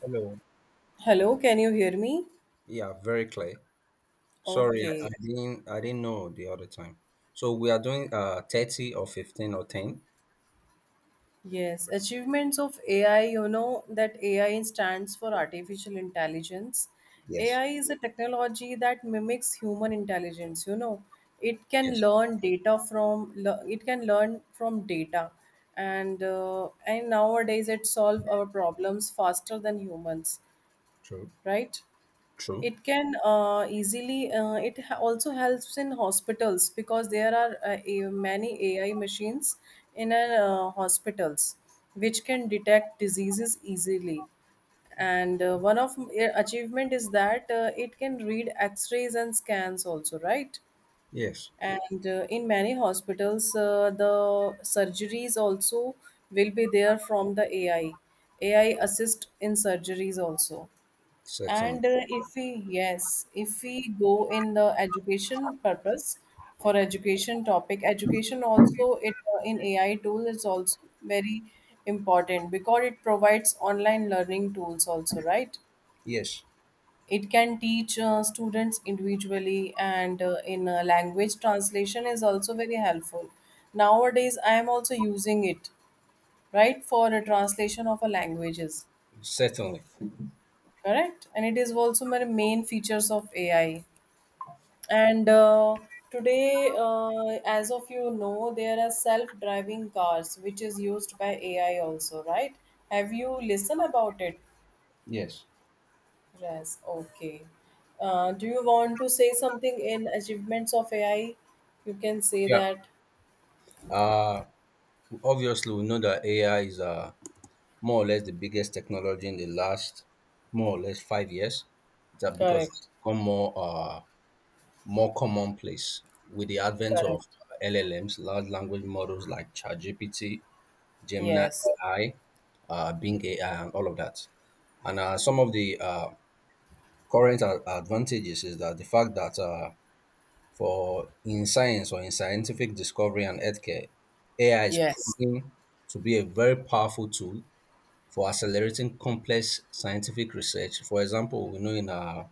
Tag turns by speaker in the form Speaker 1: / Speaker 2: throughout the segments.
Speaker 1: Hello.
Speaker 2: Hello, can you hear me?
Speaker 1: Yeah, very clear. Sorry, I,
Speaker 2: Okay.
Speaker 1: I didn't I didn't know the other time. So we are doing 30 or 15 or 10?
Speaker 2: Yes, achievements of AI, you know that AI stands for artificial intelligence.
Speaker 1: Yes.
Speaker 2: AI is a technology that mimics human intelligence, It
Speaker 1: Yes.
Speaker 2: can learn data from it can learn from data and nowadays it solve our problems faster than humans,
Speaker 1: True.
Speaker 2: right?
Speaker 1: True.
Speaker 2: It can easily, it also helps in hospitals because there are many AI machines in hospitals which can detect diseases easily. And one of achievement is that it can read x-rays and scans also, right?
Speaker 1: Yes.
Speaker 2: And in many hospitals, the surgeries also will be there from the AI. AI assist in surgeries also.
Speaker 1: Certainly.
Speaker 2: And if if we go in the education purpose, for education topic, education also it in AI tool is also very important because it provides online learning tools also, right?
Speaker 1: Yes.
Speaker 2: It can teach students individually, and in language translation is also very helpful. Nowadays, I am also using it, right, for a translation of a languages,
Speaker 1: Certainly.
Speaker 2: correct? And it is also my main features of AI. And Today, as of you know, there are self-driving cars which is used by AI also, right? Have you listened about it?
Speaker 1: Yes.
Speaker 2: Yes. Okay. Do you want to say something in achievements of AI? You can say
Speaker 1: Yeah.
Speaker 2: that.
Speaker 1: Uh obviously we know that AI is more or less the biggest technology in the last more or less 5 years that because it's
Speaker 2: Correct.
Speaker 1: become more commonplace with the advent of
Speaker 2: Correct.
Speaker 1: LLMs, large language models like ChatGPT Gemini
Speaker 2: Yes.
Speaker 1: AI, Bing AI, and all of that. And some of the current advantages is that the fact that for in science or in scientific discovery and healthcare, AI is
Speaker 2: Yes.
Speaker 1: proving to be a very powerful tool for accelerating complex scientific research. For example, we know in our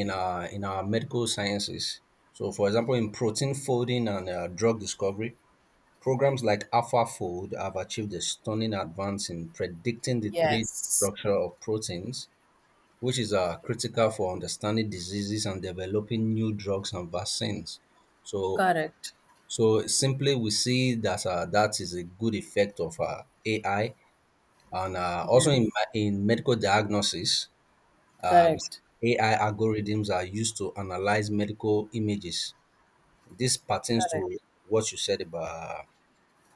Speaker 1: in our in our medical sciences. So, for example, in protein folding and drug discovery, programs like AlphaFold have achieved a stunning advance in predicting the 3D
Speaker 2: Yes.
Speaker 1: structure of proteins, which is critical for understanding diseases and developing new drugs and vaccines. So,
Speaker 2: Correct.
Speaker 1: so, simply we see that that is a good effect of AI, and also in
Speaker 2: Yes.
Speaker 1: in medical diagnosis, we
Speaker 2: Correct.
Speaker 1: see AI algorithms are used to analyze medical images. This pertains to
Speaker 2: Correct.
Speaker 1: what you said about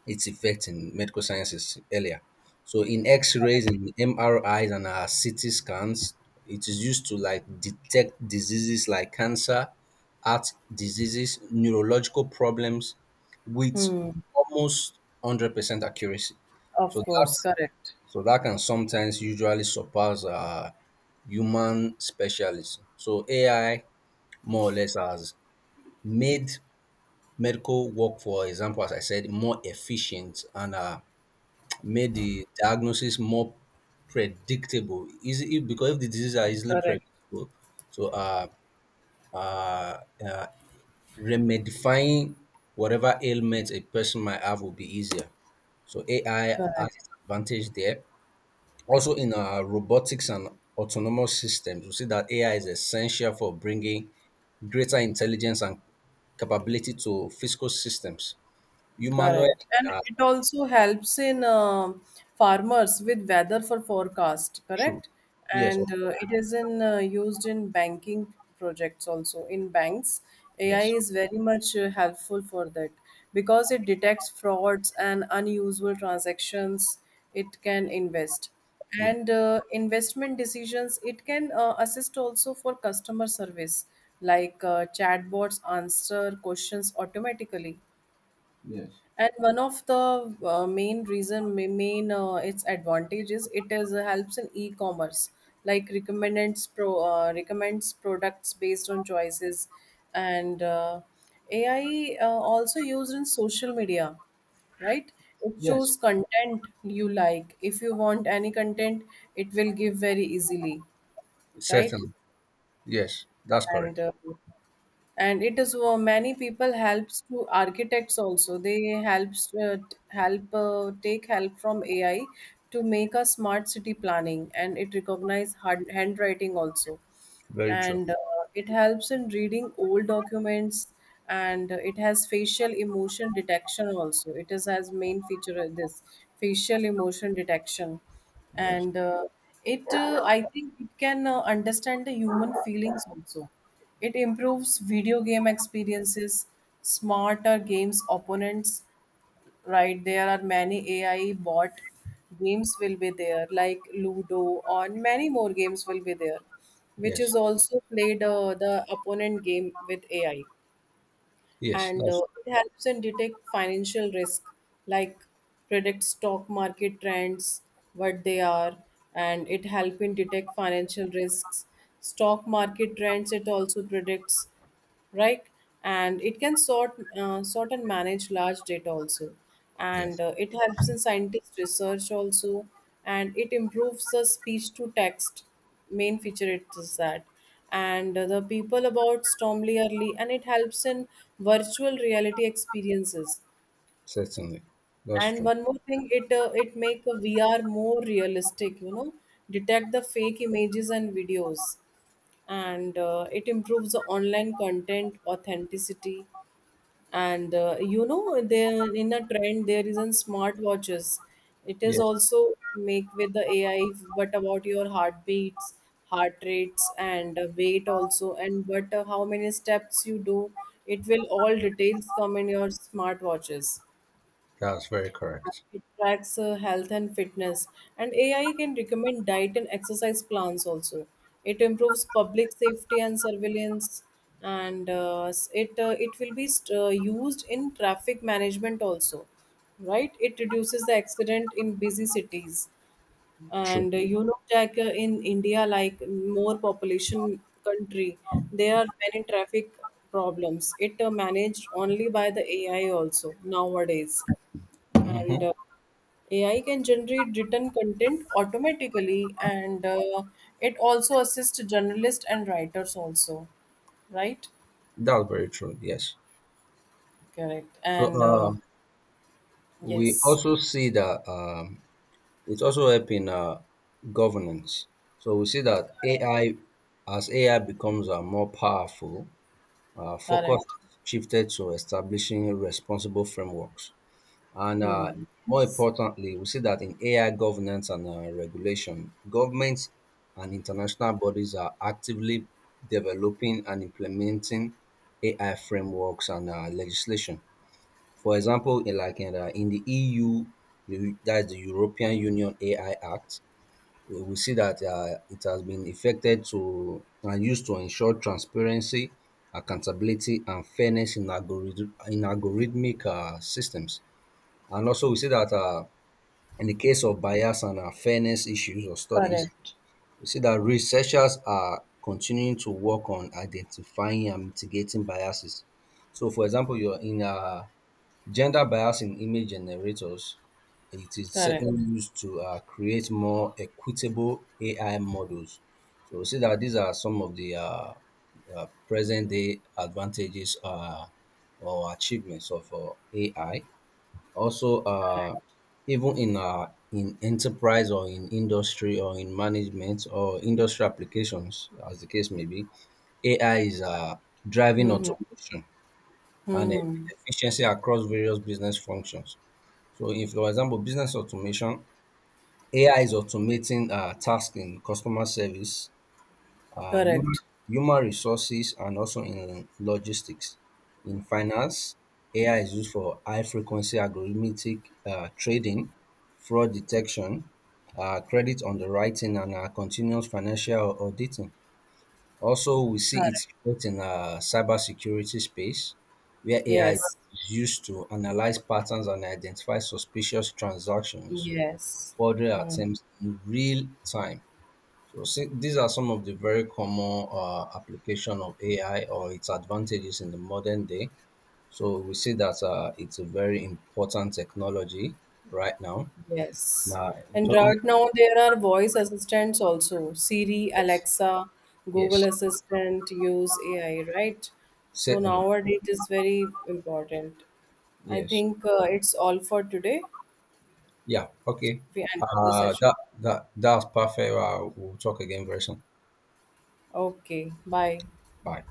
Speaker 1: its effect in medical sciences earlier. So in X-rays and MRIs and our CT scans, it is used to like detect diseases like cancer, heart diseases, neurological problems with
Speaker 2: Hmm.
Speaker 1: almost 100% accuracy. So
Speaker 2: Of
Speaker 1: that
Speaker 2: course. Correct.
Speaker 1: so that can sometimes usually surpass human specialists. So AI more or less has made medical work, for example, as I said, more efficient and made the diagnosis more predictable. Easy because if the diseases are easily
Speaker 2: Correct.
Speaker 1: predictable, so uh, uh, remedying whatever ailment a person might have will be easier. So AI has
Speaker 2: Correct.
Speaker 1: its advantage there. Also in robotics and autonomous systems, we see that AI is essential for bringing greater intelligence and capability to physical systems. Humanoid.
Speaker 2: Correct. And
Speaker 1: uh,
Speaker 2: it also helps in farmers with weather for forecast,
Speaker 1: True.
Speaker 2: correct.
Speaker 1: Yes.
Speaker 2: And It is in used in banking projects also. In banks AI
Speaker 1: Yes.
Speaker 2: is very much helpful for that because it detects frauds and unusual transactions. It can invest,
Speaker 1: Yes.
Speaker 2: and investment decisions. It can assist also for customer service, like chatbots answer questions automatically.
Speaker 1: Yes.
Speaker 2: And one of the main reason, main its advantage is it is helps in e-commerce, like recommends pro recommends products based on choices. And AI also used in social media, right? It
Speaker 1: Yes.
Speaker 2: shows content you like. If you want any content, it will give very easily, right?
Speaker 1: Certainly. Yes, that's
Speaker 2: And
Speaker 1: correct.
Speaker 2: uh, and it is many people helps to architects also. They helps help take help from AI to make a smart city planning, and it recognize handwriting also,
Speaker 1: Very true.
Speaker 2: and it helps in reading old documents. And it has facial emotion detection also. It is as main feature of this, facial emotion detection.
Speaker 1: Yes.
Speaker 2: And it I think it can understand the human feelings also. It improves video game experiences, smarter games opponents, right? There are many AI bot games will be there, like Ludo or many more games will be there, which
Speaker 1: Yes.
Speaker 2: is also played the opponent game with AI.
Speaker 1: Yes,
Speaker 2: And
Speaker 1: that's
Speaker 2: it helps in detect financial risk, like predict stock market trends, what they are. And it help in detect financial risks, stock market trends it also predicts, right? And it can sort and manage large data also. And
Speaker 1: yes.
Speaker 2: it helps in scientist research also. And it improves the speech to text, main feature it is that. And the people about Stormly early, and it helps in virtual reality experiences.
Speaker 1: Certainly. That's
Speaker 2: And
Speaker 1: true.
Speaker 2: one more thing, it it make a VR more realistic, you know, detect the fake images and videos. And it improves the online content authenticity. And you know there in a trend there isn't smartwatches. It is
Speaker 1: Yes,
Speaker 2: also make with the AI but about your heartbeats, heart rates, and weight also, and but how many steps you do, it will all details come in your smartwatches.
Speaker 1: that's very correct.
Speaker 2: It tracks health and fitness, and AI can recommend diet and exercise plans also. It improves public safety and surveillance, and it will be used in traffic management also, right? It reduces the accident in busy cities,
Speaker 1: True.
Speaker 2: and you know, like in India, like more population country, there are many traffic problems. It managed only by the AI also nowadays. And
Speaker 1: Hmm.
Speaker 2: AI can generate written content automatically, and it also assists journalists and writers also, right?
Speaker 1: That's very true. Yes.
Speaker 2: Correct.
Speaker 1: So
Speaker 2: And
Speaker 1: we
Speaker 2: yes,
Speaker 1: also see that it's also helping governance. So we see that AI, as AI becomes more powerful, focus
Speaker 2: correct.
Speaker 1: has shifted to establishing responsible frameworks. And
Speaker 2: Hmm.
Speaker 1: more importantly, we see that in AI governance and regulation, governments and international bodies are actively developing and implementing AI frameworks and legislation. For example, in like in the EU, that's the European Union AI Act. We see that it has been effected to and used to ensure transparency, accountability, and fairness in, algorithmic systems. And also we see that in the case of bias and fairness issues or studies,
Speaker 2: Correct.
Speaker 1: we see that researchers are continuing to work on identifying and mitigating biases. So for example, you're in gender bias in image generators, it is
Speaker 2: Correct.
Speaker 1: certainly used to create more equitable AI models. So we see that these are some of the present day advantages or achievements of AI. Also, even in enterprise or in industry or in management or industry applications, as the case may be, AI is driving
Speaker 2: Hmm. Hmm.
Speaker 1: automation and
Speaker 2: Hmm, hmm.
Speaker 1: efficiency across various business functions. So, if for example, business automation, AI is automating tasks in customer service, uh, human,
Speaker 2: Correct.
Speaker 1: human resources, and also in logistics. In finance, AI is used for high frequency algorithmic trading, fraud detection, credit underwriting, and continuous financial auditing. Also, we see its
Speaker 2: Correct.
Speaker 1: effect in cybersecurity space, where AI is
Speaker 2: Yes.
Speaker 1: used to analyze patterns and identify suspicious transactions,
Speaker 2: Yes.
Speaker 1: fraudulent
Speaker 2: Hmm.
Speaker 1: attempts in real time. So see, these are some of the very common application of AI or its advantages in the modern day. So we see that it's a very important technology right now.
Speaker 2: Yes.
Speaker 1: Now,
Speaker 2: And
Speaker 1: totally,
Speaker 2: right now there are voice assistants also. Siri,
Speaker 1: yes,
Speaker 2: Alexa,
Speaker 1: yes,
Speaker 2: Google Assistant use AI, right? So
Speaker 1: certainly,
Speaker 2: nowadays it is very important. I
Speaker 1: yes,
Speaker 2: think it's all for today.
Speaker 1: yeah, okay.
Speaker 2: We end up the
Speaker 1: Uh,
Speaker 2: session.
Speaker 1: that that that's perfect. We'll talk again very soon.
Speaker 2: Okay, bye.
Speaker 1: Bye.